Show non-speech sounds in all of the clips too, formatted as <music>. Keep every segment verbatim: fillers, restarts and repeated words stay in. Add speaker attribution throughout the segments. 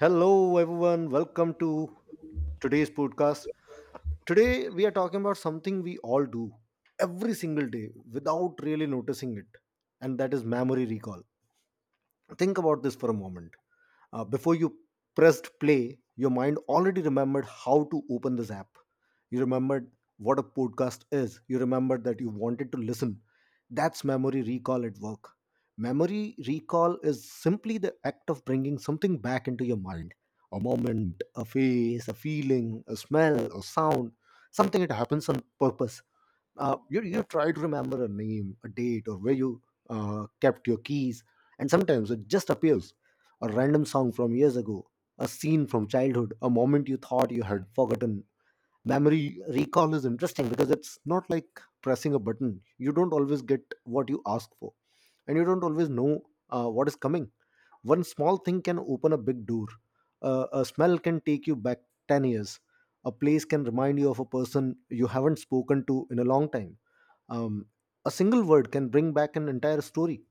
Speaker 1: Hello, everyone. Welcome to today's podcast. Today, we are talking about something we all do every single day without really noticing it, and that is memory recall. Think about this for a moment. Uh, before you pressed play, your mind already remembered how to open this app. You remembered what a podcast is. You remembered that you wanted to listen. That's memory recall at work. Memory recall is simply the act of bringing something back into your mind: a moment, a face, a feeling, a smell, a sound. Something that happens on purpose. Uh, you, you try to remember a name, a date, or where you uh, kept your keys. And sometimes it just appears: a random song from years ago, a scene from childhood, a moment you thought you had forgotten. Memory recall is interesting because it's not like pressing a button. You don't always get what you ask for, and you don't always know uh, what is coming. One small thing can open a big door. Uh, a smell can take you back 10 years. A place can remind you of a person you haven't spoken to in a long time. Um, a single word can bring back an entire story.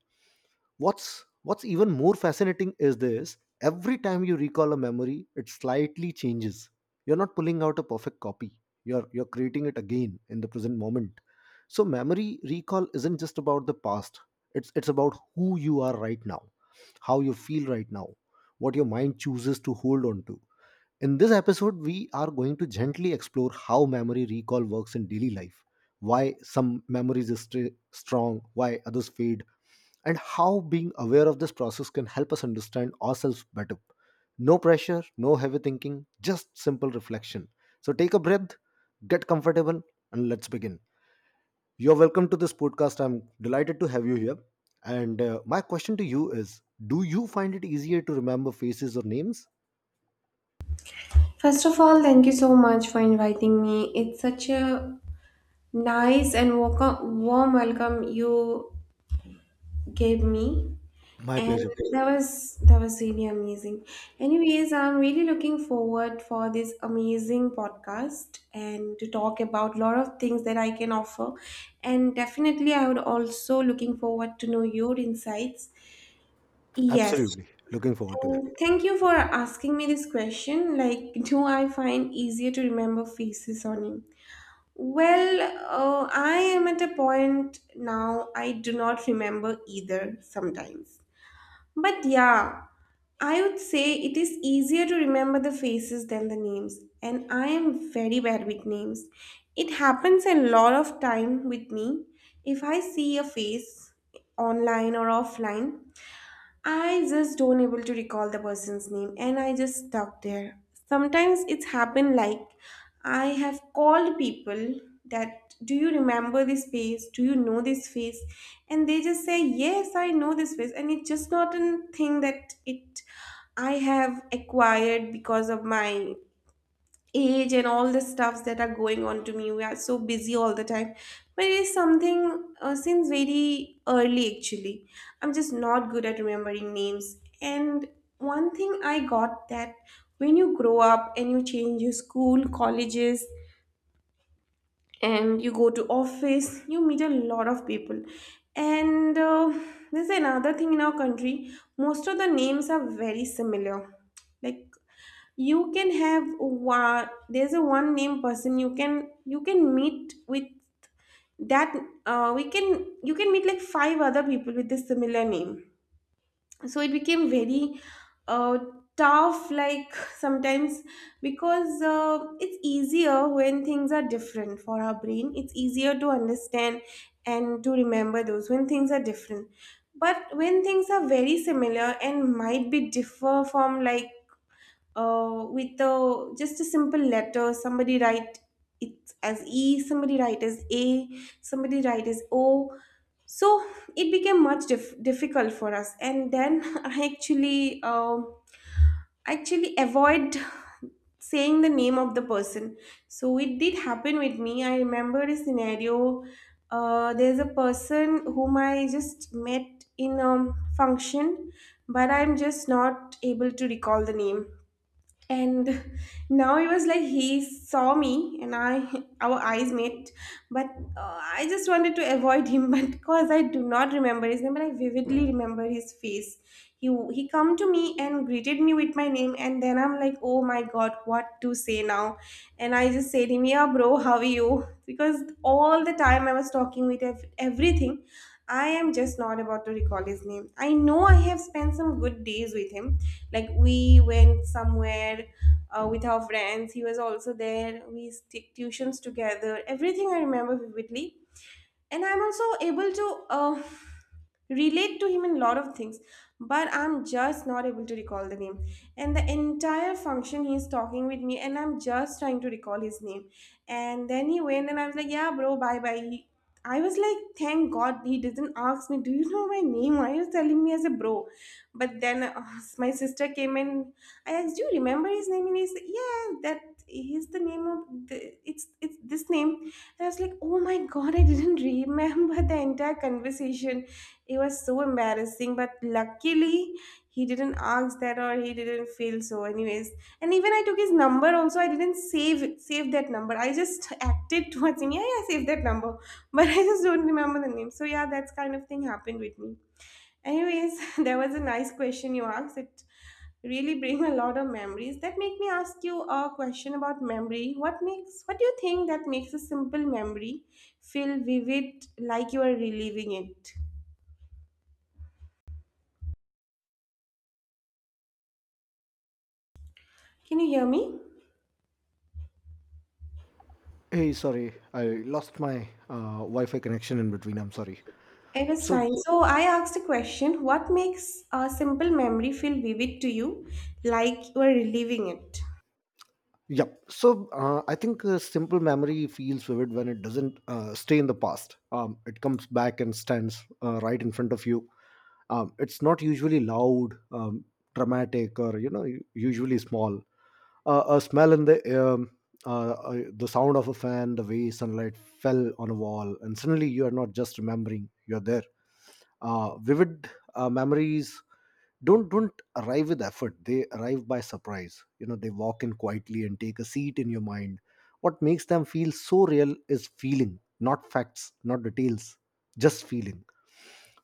Speaker 1: What's What's even more fascinating is this: every time you recall a memory, it slightly changes. You're not pulling out a perfect copy. You're you're creating it again in the present moment. So memory recall isn't just about the past. It's it's about who you are right now, how you feel right now, what your mind chooses to hold on to. In this episode, we are going to gently explore how memory recall works in daily life, why some memories stay strong, why others fade, and how being aware of this process can help us understand ourselves better. No pressure, no heavy thinking, just simple reflection. So take a breath, get comfortable, and let's begin. You're welcome to this podcast. I'm delighted to have you here. And uh, my question to you is: do you find it easier to remember faces or names?
Speaker 2: First of all, thank you so much for inviting me. It's such a nice and welcome, warm welcome you gave me,
Speaker 1: My
Speaker 2: and
Speaker 1: pleasure.
Speaker 2: that was that was really amazing. Anyways, I'm really looking forward for this amazing podcast and to talk about a lot of things that I can offer, and definitely I would also looking forward to know your insights. Yes,
Speaker 1: Absolutely. Looking forward to that.
Speaker 2: and thank you for asking me this question. Like, do I find easier to remember faces or names? Well, uh, I am at a point now, I do not remember either sometimes. But yeah, I would say it is easier to remember the faces than the names, and I am very bad with names. It happens a lot of time with me. If I see a face online or offline, I just don't able to recall the person's name and I just stuck there. Sometimes it's happened like I have called people that do you remember this face? Do you know this face? And they just say, yes, I know this face. And it's just not a thing that it I have acquired because of my age and all the stuffs that are going on to me. We are so busy all the time, but it is something uh, since very early. Actually, I'm just not good at remembering names. And one thing I got that when you grow up and you change your school, colleges, and you go to office, you meet a lot of people. And uh, there's another thing in our country. Most of the names are very similar. Like, you can have one, there's a one name person you can you can meet with that, uh, we can you can meet like five other people with a similar name. So it became very uh, tough like <laughs> sometimes, because uh, it's easier when things are different. For our brain, it's easier to understand and to remember those when things are different. But when things are very similar and might be differ from, like, uh, with a just a simple letter, somebody write it as E, somebody write as A, somebody write as O. So it became much dif- difficult for us, and then <laughs> I actually uh, actually avoid <laughs> saying the name of the person. So it did happen with me. I remember a scenario. Uh, there's a person whom I just met in a function, but I'm just not able to recall the name. And now it was like he saw me and I our eyes met, but uh, I just wanted to avoid him <laughs> but because I do not remember his name, but I vividly remember his face. he he come to me and greeted me with my name, and then I'm like, oh my god, what to say now. And I just said him, yeah, bro, how are you, because all the time I was talking with ev- everything. I am just not about to recall his name. I know I have spent some good days with him. Like we went somewhere uh, with our friends. He was also there. We took tuitions together. Everything I remember vividly, and I'm also able to uh, relate to him in a lot of things, but I'm just not able to recall the name. And the entire function he's talking with me and I'm just trying to recall his name. And then he went and I was like, yeah, bro, bye bye. he, I was like, thank god he didn't ask me, do you know my name, why are you telling me as a bro. But then uh, my sister came, and I asked, do you remember his name? And he said, yeah, that is the name of the, it's it's this name. I was like, oh my god, I didn't remember the entire conversation. It was so embarrassing. But luckily, he didn't ask that or he didn't feel so, anyways. And even I took his number also. I didn't save it- save that number. I just acted towards him, yeah, yeah, save that number. <laughs> But I just don't remember the name. So yeah, that's kind of thing happened with me. Anyways, <laughs> there was a nice question you asked. It really brings a lot of memories. That make me ask you a question about memory. What makes what do you think that makes a simple memory feel vivid, like you are reliving it? Can you hear me?
Speaker 1: Hey, sorry, I lost my uh, Wi-Fi connection in between. I'm sorry.
Speaker 2: It is
Speaker 1: So,
Speaker 2: fine. So I asked a question. What makes a simple memory feel vivid to you, like you are reliving it?
Speaker 1: yeah. So, uh, I think uh, simple memory feels vivid when it doesn't uh, stay in the past. Um, it comes back and stands uh, right in front of you. Um, it's not usually loud, um, dramatic, or you know, u- usually small. Uh, a smell in the air, uh, uh, the sound of a fan, the way sunlight fell on a wall, and suddenly you are not just remembering; you're there. Uh, vivid uh, memories don't don't arrive with effort. They arrive by surprise, you know. They walk in quietly and take a seat in your mind. What makes them feel so real is feeling, not facts, not details, just feeling.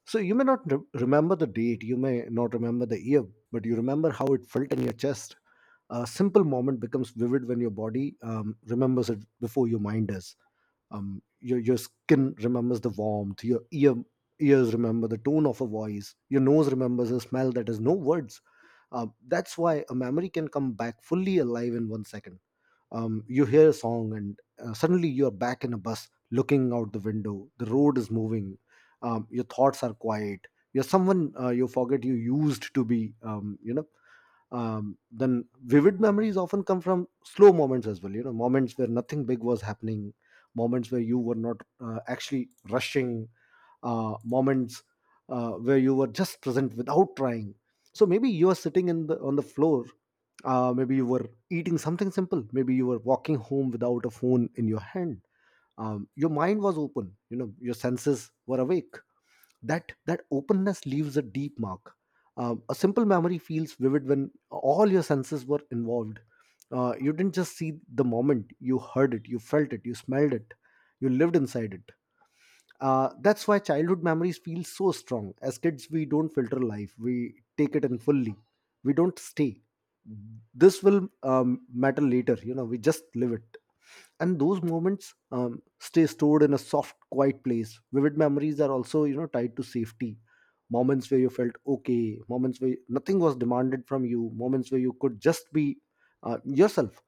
Speaker 1: So you may not re- remember the date, you may not remember the year, but you remember how it felt in your chest. A simple moment becomes vivid when your body um, remembers it before your mind does. Um, your, your skin remembers the warmth, your ear, ears remember the tone of a voice, your nose remembers a smell that has no words. Uh, that's why a memory can come back fully alive in one second. Um, you hear a song, and uh, suddenly you're back in a bus looking out the window. The road is moving. Um, your thoughts are quiet. You're someone uh, you forget you used to be. Um, you know um, then vivid memories often come from slow moments as well. You know, moments where nothing big was happening, moments where you were not uh, actually rushing, uh, moments uh, where you were just present without trying. So maybe you are sitting in the on the floor. Uh, maybe you were eating something simple. Maybe you were walking home without a phone in your hand. Um, your mind was open. You know your senses were awake. That that openness leaves a deep mark. Um, a simple memory feels vivid when all your senses were involved. Uh, you didn't just see the moment, you heard it, you felt it, you smelled it, you lived inside it. Uh, that's why childhood memories feel so strong. As kids, we don't filter life, we take it in fully. We don't stay. This will um, matter later, you know, we just live it. And those moments um, stay stored in a soft, quiet place. Vivid memories are also, you know, tied to safety. Moments where you felt okay, moments where nothing was demanded from you, moments where you could just be uh, yourself.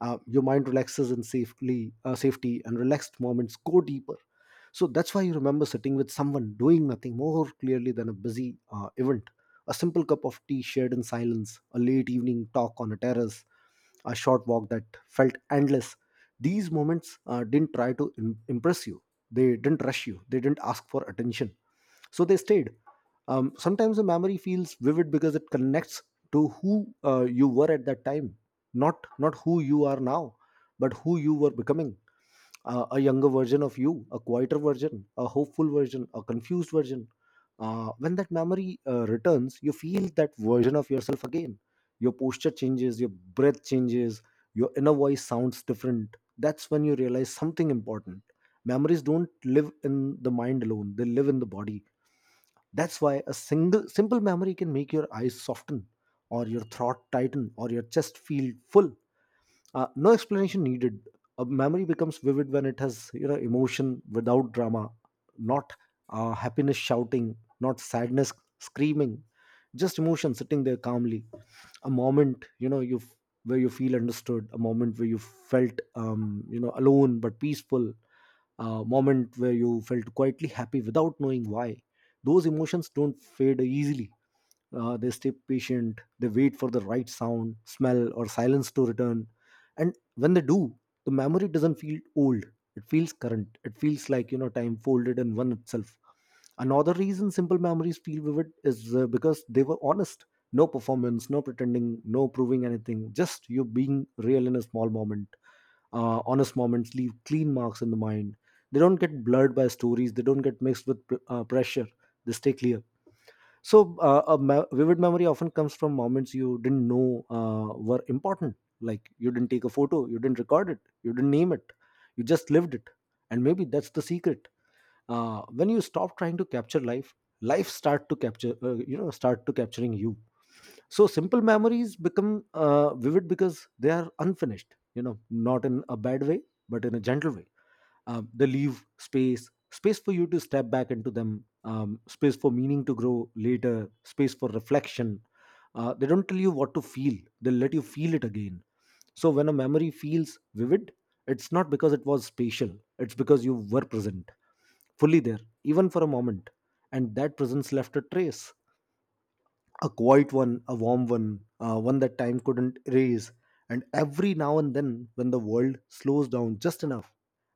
Speaker 1: Uh, your mind relaxes in safely uh, safety and relaxed moments go deeper. So that's why you remember sitting with someone doing nothing more clearly than a busy uh, event. A simple cup of tea shared in silence, a late evening talk on a terrace, a short walk that felt endless. These moments uh, didn't try to im- impress you, they didn't rush you, they didn't ask for attention. So they stayed. Um, sometimes a memory feels vivid because it connects to who uh, you were at that time, not not who you are now, but who you were becoming. Uh, a younger version of you, a quieter version, a hopeful version, a confused version. Uh, when that memory uh, returns, you feel that version of yourself again. Your posture changes, your breath changes, your inner voice sounds different. That's when you realize something important. Memories don't live in the mind alone, they live in the body. That's why a single simple memory can make your eyes soften, or your throat tighten, or your chest feel full. Uh, no explanation needed. A memory becomes vivid when it has, you know, emotion without drama, not uh, happiness shouting, not sadness screaming, just emotion sitting there calmly. A moment you know you where you feel understood, a moment where you felt um, you know alone but peaceful, a moment where you felt quietly happy without knowing why. Those emotions don't fade easily. Uh, they stay patient. They wait for the right sound, smell, or silence to return. And when they do, the memory doesn't feel old. It feels current. It feels like, you know, time folded in one itself. Another reason simple memories feel vivid is uh, because they were honest. No performance, no pretending, no proving anything, just you being real in a small moment. Uh, honest moments leave clean marks in the mind. They don't get blurred by stories. They don't get mixed with pr- uh, pressure. They stay clear. So, uh, a me- vivid memory often comes from moments you didn't know uh, were important. Like you didn't take a photo, you didn't record it, you didn't name it, you just lived it. And maybe that's the secret. Uh, when you stop trying to capture life, life start to capture, uh, you know, start to capturing you. So simple memories become uh, vivid because they are unfinished. You know, not in a bad way, but in a gentle way. Um, they leave space, space for you to step back into them, um, space for meaning to grow later, space for reflection. Uh, they don't tell you what to feel, they let you feel it again. So when a memory feels vivid, it's not because it was spatial, it's because you were present, fully there, even for a moment. And that presence left a trace, a quiet one, a warm one, uh, one that time couldn't erase. And every now and then, when the world slows down just enough,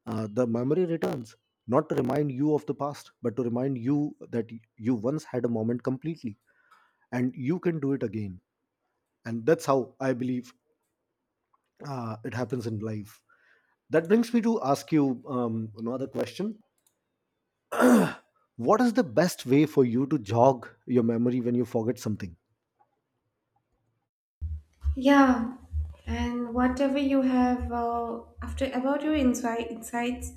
Speaker 1: uh, the memory returns, not to remind you of the past, but to remind you that y- you once had a moment completely and you can do it again. And that's how I believe uh, it happens in life. That brings me to ask you um, another question. What is the best way for you to jog your memory when you forget something?
Speaker 2: Yeah, and whatever you have uh, after about your insight, insights,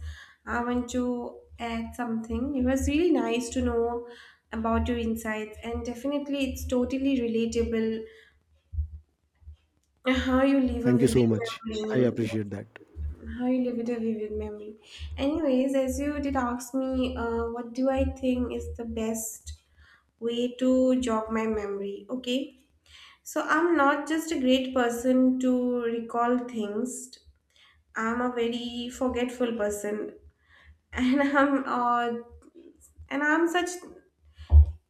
Speaker 2: I want to add something. It was really nice to know about your insights, and definitely it's totally relatable. Uh, how you leave a
Speaker 1: Thank you
Speaker 2: vivid
Speaker 1: so much. I
Speaker 2: memory.
Speaker 1: appreciate that.
Speaker 2: How you leave it a vivid memory. Anyways, as you did ask me, uh, what do I think is the best way to jog my memory? Okay, so I'm not just a great person to recall things. I'm a very forgetful person, <laughs> and I'm uh, and I'm such,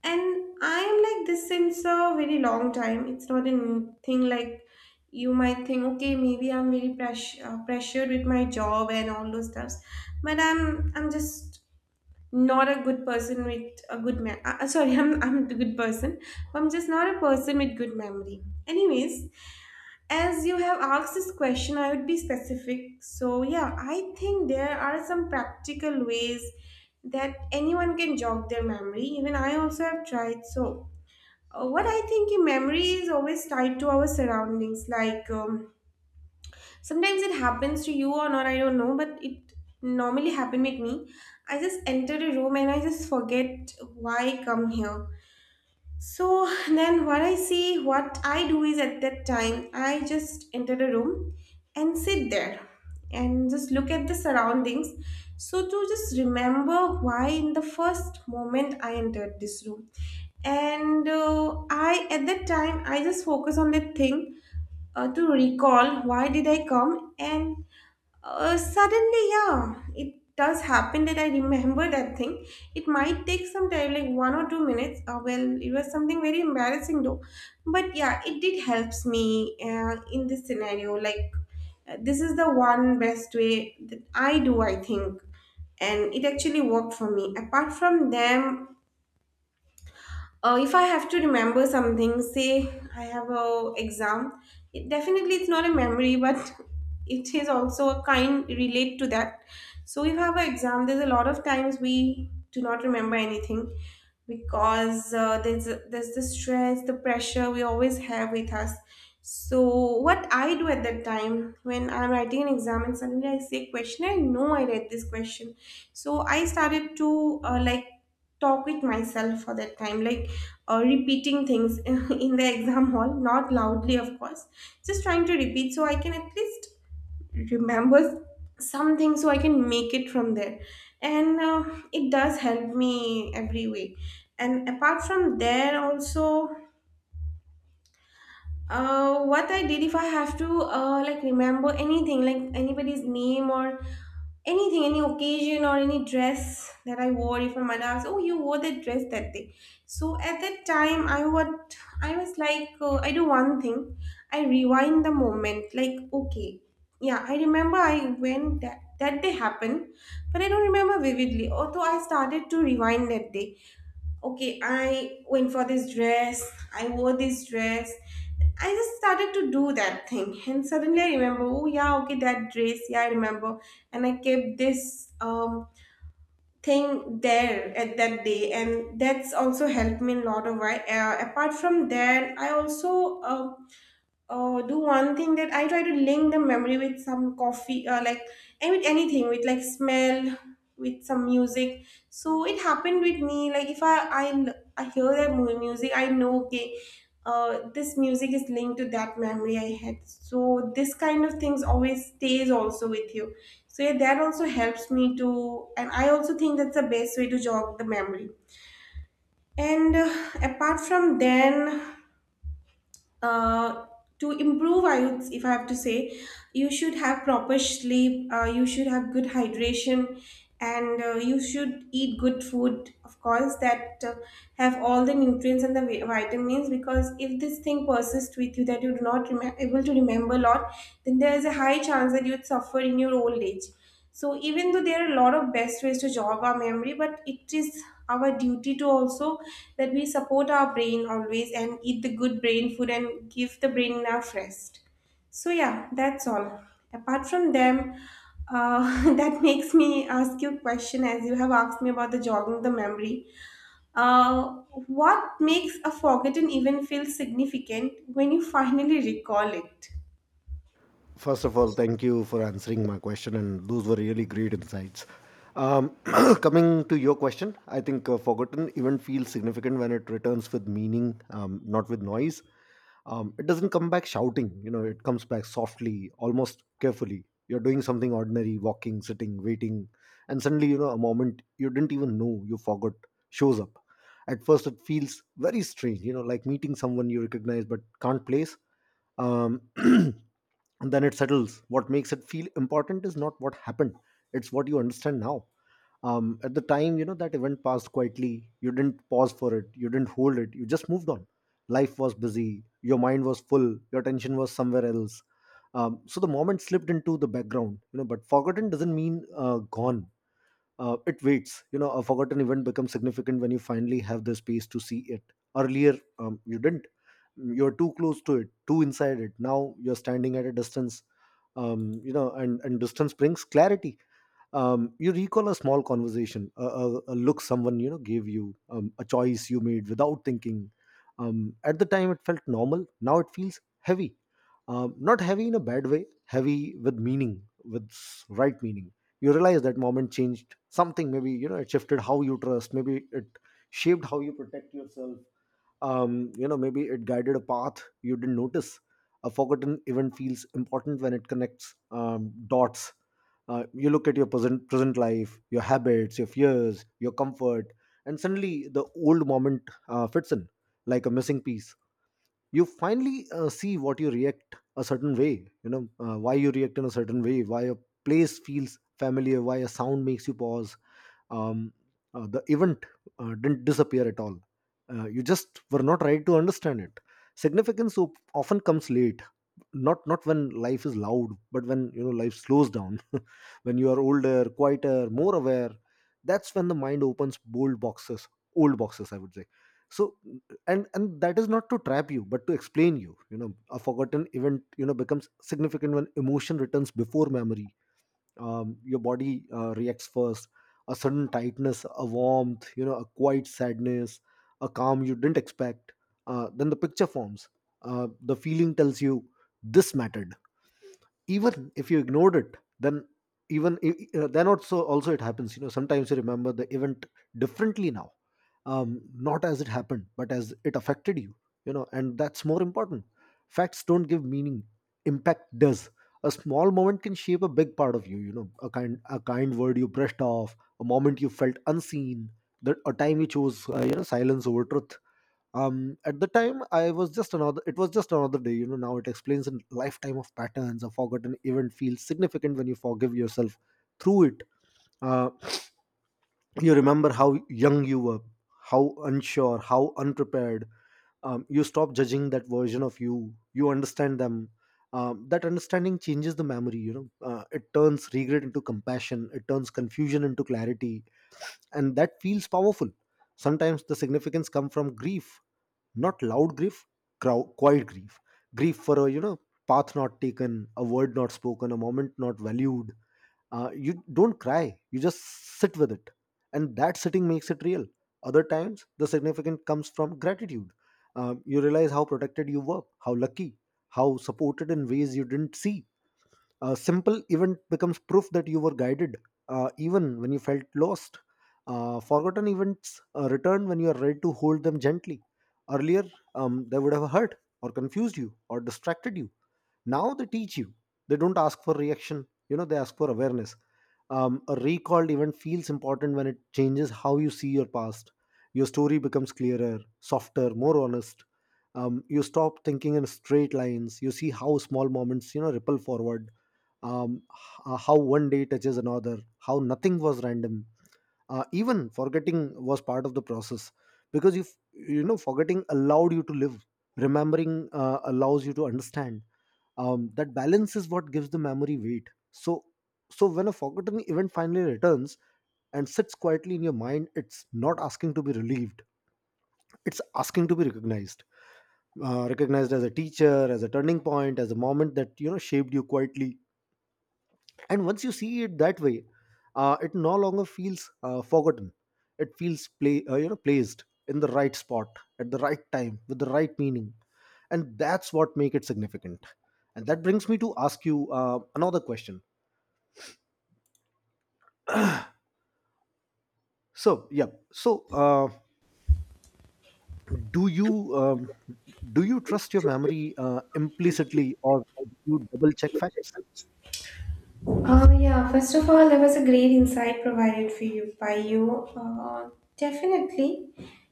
Speaker 2: and I am like this since a very long time. It's not a new thing like you might think. Okay, maybe I'm very press- uh, pressured with my job and all those stuffs, but I'm I'm just not a good person with a good man. Uh, uh, sorry, <laughs> I'm I'm a good person. I'm just not a person with good memory. Anyways, as you have asked this question, I would be specific. So yeah, I think there are some practical ways that anyone can jog their memory. Even I also have tried. So uh, what I think in memory is always tied to our surroundings, like. Um, sometimes it happens to you or not, I don't know, but it normally happen with me. I just enter the room, and I just forget why I come here. So <laughs> then what I see what I do is, at that time, I just enter the room and sit there and just look at the surroundings, so to just remember why in the first moment I entered this room. And uh, I at that time I just focus on that thing, uh, to recall why did I come. And uh, suddenly, yeah, it does happen that I remember that thing. It might take some time, like one or two minutes. Uh, well, it was something very embarrassing though. But yeah, it did helps me uh, in this scenario. Like, uh, this is the one best way that I do, I think. And it actually worked for me. Apart from them, uh, if I have to remember something, say I have a exam, it definitely it's not a memory, but <laughs> it is also a kind relate to that. So if I have an exam, there's a lot of times we do not remember anything, because uh, there's there's the stress, the pressure we always have with us. So what I do at that time, when I'm writing an exam and suddenly I see a question, I know I read this question. So I started to uh, like talk with myself for that time, like uh, repeating things <laughs> in, in the exam hall, not loudly, of course, just trying to repeat, so I can at least remember something so I can make it from there. And uh, it does help me every way. And apart from there, also, uh, what I did if I have to uh, like remember anything, like anybody's name or anything, any occasion, or any dress that I wore, if my mother asked, oh, you wore that dress that day. So at that time I would, I was like uh, I do one thing, I rewind the moment, like, okay, yeah, I remember I went that that day happened, but I don't remember vividly. Although I started to rewind that day, okay, I went for this dress, I wore this dress. I just started to do that thing, and suddenly I remember, oh, yeah, okay, that dress, yeah, I remember. And I kept this um, thing there at that day, and that's also helped me a lot of why. Uh, apart from that, I also um uh, do one thing, that I try to link the memory with some coffee, uh, like I mean anything with like smell, with some music. So it happened with me. Like if I I, l- I hear that mu- music, I know, okay, uh, this music is linked to that memory I had. So this kind of things always stays also with you. So yeah, that also helps me to, and I also think that's the best way to jog the memory. And uh, apart from then, uh, to improve, I would, if I have to say, you should have proper sleep, uh, you should have good hydration, and uh, you should eat good food, of course, that uh, have all the nutrients and the vi- vitamins, because if this thing persists with you, that you do not rem- able to remember a lot, then there is a high chance that you would suffer in your old age. So even though there are a lot of best ways to jog our memory, but it is our duty to also, that we support our brain always and eat the good brain food and give the brain enough rest. So yeah, that's all. Apart from them, uh, <laughs> that makes me ask you a question, as you have asked me about the jogging the memory. Uh, what makes a forgotten event feel significant when you finally recall it?
Speaker 1: First of all, thank you for answering my question, and those were really great insights. Um, <coughs> <clears throat> Coming to your question, I think a forgotten event feels significant when it returns with meaning, um, not with noise. Um, it doesn't come back shouting, you know, it comes back softly, almost carefully. You're doing something ordinary, walking, sitting, waiting, and suddenly, you know, a moment you didn't even know you forgot shows up. At first it feels very strange, you know, like meeting someone you recognize but can't place. Um, <clears throat> And then it settles. What makes it feel important is not what happened, it's what you understand now. Um, at the time, you know, that event passed quietly. You didn't pause for it, you didn't hold it, you just moved on. Life was busy, your mind was full, your attention was somewhere else. Um, so the moment slipped into the background, you know, but forgotten doesn't mean uh, gone. Uh, it waits, you know. A forgotten event becomes significant when you finally have the space to see it. Earlier, um, you didn't. You're too close to it, too inside it. Now you're standing at a distance. Um, you know, and and distance brings clarity. Um, you recall a small conversation, a, a, a look someone, you know, gave you, um, a choice you made without thinking. Um, at the time it felt normal, now it feels heavy. Um, not heavy in a bad way, heavy with meaning, with s- right meaning. You realize that moment changed something. Maybe, you know, it shifted how you trust. Maybe it shaped how you protect yourself. Um, you know, maybe it guided a path you didn't notice. A forgotten event feels important when it connects, um, dots. Uh, you look at your present present life, your habits, your fears, your comfort, and suddenly the old moment uh, fits in like a missing piece. You finally uh, see what you react a certain way, you know, uh, why you react in a certain way, why a place feels familiar, why a sound makes you pause. um, uh, the event uh, didn't disappear at all. Uh, you just were not right to understand it. Significance op- often comes late, not not when life is loud, but when, you know, life slows down. <laughs> When you are older, quieter, more aware, that's when the mind opens bold boxes, old boxes, I would say. So, and and that is not to trap you, but to explain you. You know, a forgotten event, you know, becomes significant when emotion returns before memory. Um, your body uh, reacts first. A sudden tightness, a warmth, you know, a quiet sadness, a calm you didn't expect. Uh, then the picture forms. Uh, the feeling tells you, this mattered, even if you ignored it then. Even i- i- uh, then, also also it happens, you know. Sometimes you remember the event differently now, um, not as it happened, but as it affected you, you know, and that's more important. Facts don't give meaning, impact does. A small moment can shape a big part of you, you know, a kind, a kind word you brushed off, a moment you felt unseen, that a time you chose, uh, you know, silence over truth. Um, at the time, I was just another, it was just another day, you know, now it explains a lifetime of patterns. A forgotten event feels significant when you forgive yourself through it. Uh, you remember how young you were, how unsure, how unprepared. Um, you stop judging that version of you, you understand them. Um, that understanding changes the memory, you know. Uh, it turns regret into compassion, it turns confusion into clarity, and that feels powerful. Sometimes the significance come from grief, not loud grief, crow, quiet grief. Grief for a, you know, path not taken, a word not spoken, a moment not valued. Uh, you don't cry, you just sit with it, and that sitting makes it real. Other times the significant comes from gratitude. Um, you realize how protected you were, how lucky, how supported in ways you didn't see. A simple event becomes proof that you were guided, uh, even when you felt lost. Uh, forgotten events uh, return when you are ready to hold them gently. Earlier, um, they would have hurt or confused you or distracted you. Now they teach you. They don't ask for reaction, you know, they ask for awareness. Um, a recalled event feels important when it changes how you see your past. Your story becomes clearer, softer, more honest. Um, you stop thinking in straight lines. You see how small moments, you know, ripple forward, um, h- uh, how one day touches another, how nothing was random. Uh, even forgetting was part of the process, because you f- you know, forgetting allowed you to live. Remembering uh, allows you to understand. Um, that balance is what gives the memory weight. So, so when a forgotten event finally returns and sits quietly in your mind, it's not asking to be relieved, it's asking to be recognized. Uh, recognized as a teacher, as a turning point, as a moment that, you know, shaped you quietly. And once you see it that way, uh, it no longer feels uh, forgotten. It feels play uh, you know, placed in the right spot, at the right time, with the right meaning. And that's what make it significant. And that brings me to ask you uh, another question. So yeah so uh, do you um, do you trust your memory uh, implicitly, or do you double check facts?
Speaker 2: Uh, yeah, first of all, there was a great insight provided for you by you. Uh, definitely,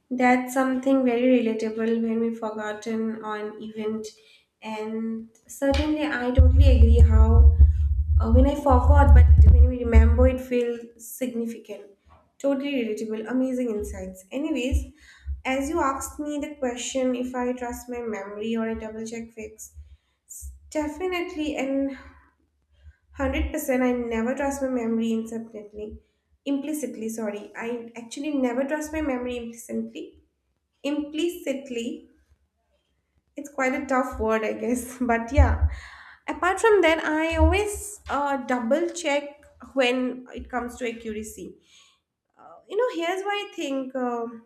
Speaker 2: that's something very relatable when we've forgotten on event, and certainly I totally agree how uh, when I forgot, but when we remember, it feels significant. Totally relatable, amazing insights. Anyways, as you asked me the question, if I trust my memory or a double check fix, definitely, and one hundred percent I never trust my memory implicitly. Implicitly, sorry. I actually never trust my memory implicitly. Implicitly. It's quite a tough word, I guess. <laughs> But yeah. Apart from that, I always uh, double check when it comes to accuracy. Uh, you know, here's why I think. um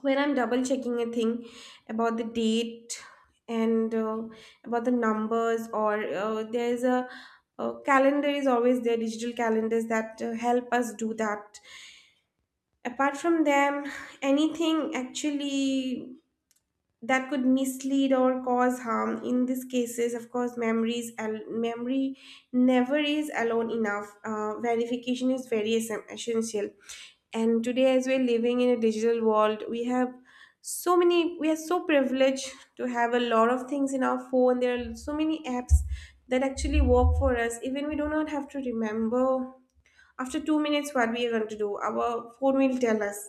Speaker 2: When I'm double checking a thing about the date and uh, about the numbers, or uh, there's a, a calendar is always there, digital calendars that uh, help us do that. Apart from them, anything actually that could mislead or cause harm in these cases, of course, memories, al- memory never is alone enough. Uh, verification is very essen- essential. And today, as we're living in a digital world, we have so many, we are so privileged to have a lot of things in our phone, there are so many apps that actually work for us, even we do not have to remember after two minutes what we are going to do, our phone will tell us.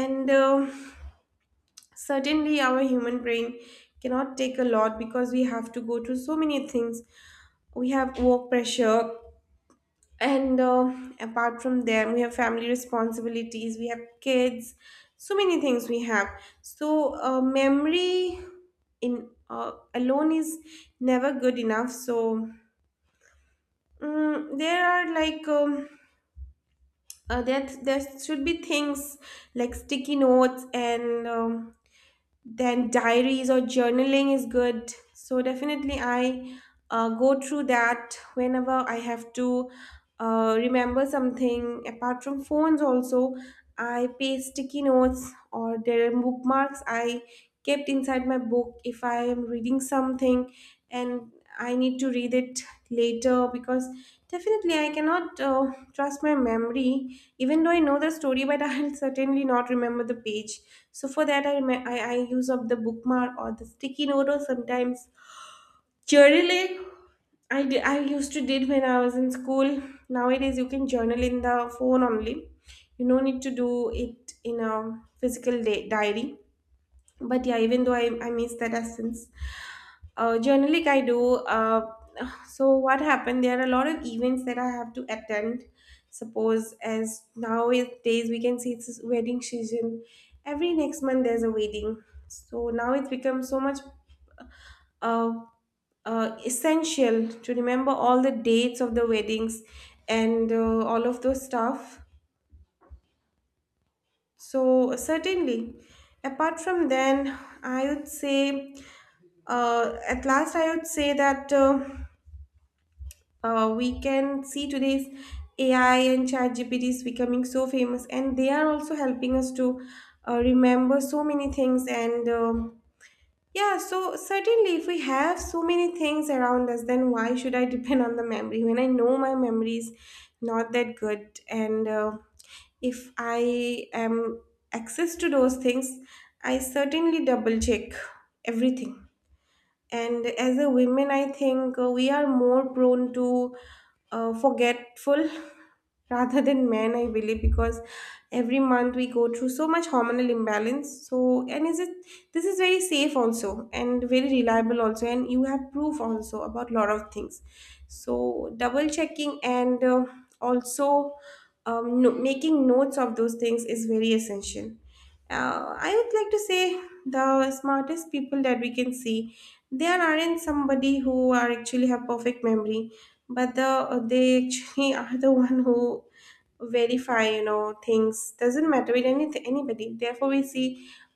Speaker 2: And um certainly, our human brain cannot take a lot, because we have to go through so many things, we have work pressure, and uh, apart from them, we have family responsibilities, we have kids, so many things we have. So, uh, memory in uh, alone is never good enough. So, mm, there are like um, uh, there there should be things like sticky notes and um, then diaries or journaling is good. So definitely, I uh, go through that whenever I have to uh, remember something. Apart from phones also, I paste sticky notes, or there are bookmarks I kept inside my book if I am reading something, and I need to read it later because definitely I cannot uh, trust my memory. Even though I know the story, but <laughs> I'll certainly not remember the page. So for that, I, ma- I, I use of the bookmark or the sticky note, or sometimes journaling. I, di- I used to did when I was in school. Nowadays, you can journal in the phone only. You no need to do it in a physical day, diary. But yeah, even though I, I miss that essence. Uh, journaling I do. Uh, so what happened? There are a lot of events that I have to attend. Suppose as nowadays we can see it's wedding season. Every next month there's a wedding. So now it's become so much uh, uh, essential to remember all the dates of the weddings, and uh, all of those stuff. So certainly, apart from then, I would say, uh, at last I would say that. Uh, uh, we can see today's A I and chat G P Ts becoming so famous, and they are also helping us to uh, remember so many things, and um, yeah, so certainly if we have so many things around us, then why should I depend on the memory when I know my memory is not that good? And uh, If I am access to those things, I certainly double check everything. And as a women, I think uh, we are more prone to uh, forgetful <laughs> rather than men, I believe, because every month we go through so much hormonal imbalance. So, and is it, this is very safe also, and very reliable also, and you have proof also about lot of things. So, double checking, and uh, also, um, no, making notes of those things is very essential. uh, I would like to say, the smartest people that we can see, there aren't somebody who are actually have perfect memory, but the they actually <laughs> are the one who verify, you know, things doesn't matter with any anybody. Therefore we see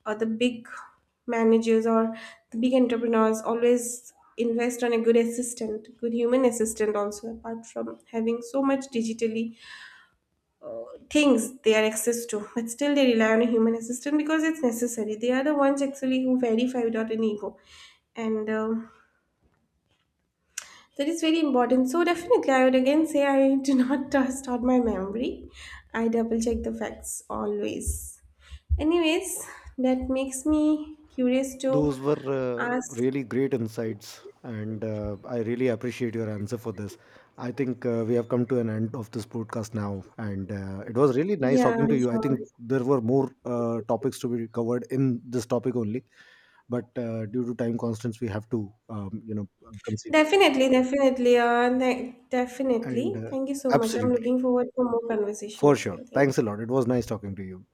Speaker 2: uh, the big managers or the big entrepreneurs always invest on a good assistant, good human assistant also, apart from having so much digitally uh, things they are access to, but still they rely on a human assistant because it's necessary. They are the ones actually who verify without an ego. And um that is very important. So definitely, I would again say, I do not <laughs> trust on my memory. I double check the facts always. Anyways, that makes me curious to
Speaker 1: Those were uh,
Speaker 2: ask.
Speaker 1: really great insights, and uh, I really appreciate your answer for this. I think uh, we have come to an end of this podcast now, and uh, it was really nice
Speaker 2: Yeah,
Speaker 1: talking to you. I
Speaker 2: sure.
Speaker 1: think there were more uh, topics to be covered in this topic only, but uh, due to time constraints, we have to, um, you know, consider.
Speaker 2: Definitely, definitely, uh, ne-
Speaker 1: And
Speaker 2: definitely.
Speaker 1: uh,
Speaker 2: Thank you so much. I'm
Speaker 1: absolutely,
Speaker 2: looking forward for more conversation
Speaker 1: for
Speaker 2: with
Speaker 1: sure.
Speaker 2: you. Thank
Speaker 1: Thanks a
Speaker 2: you.
Speaker 1: lot. It was nice talking to you.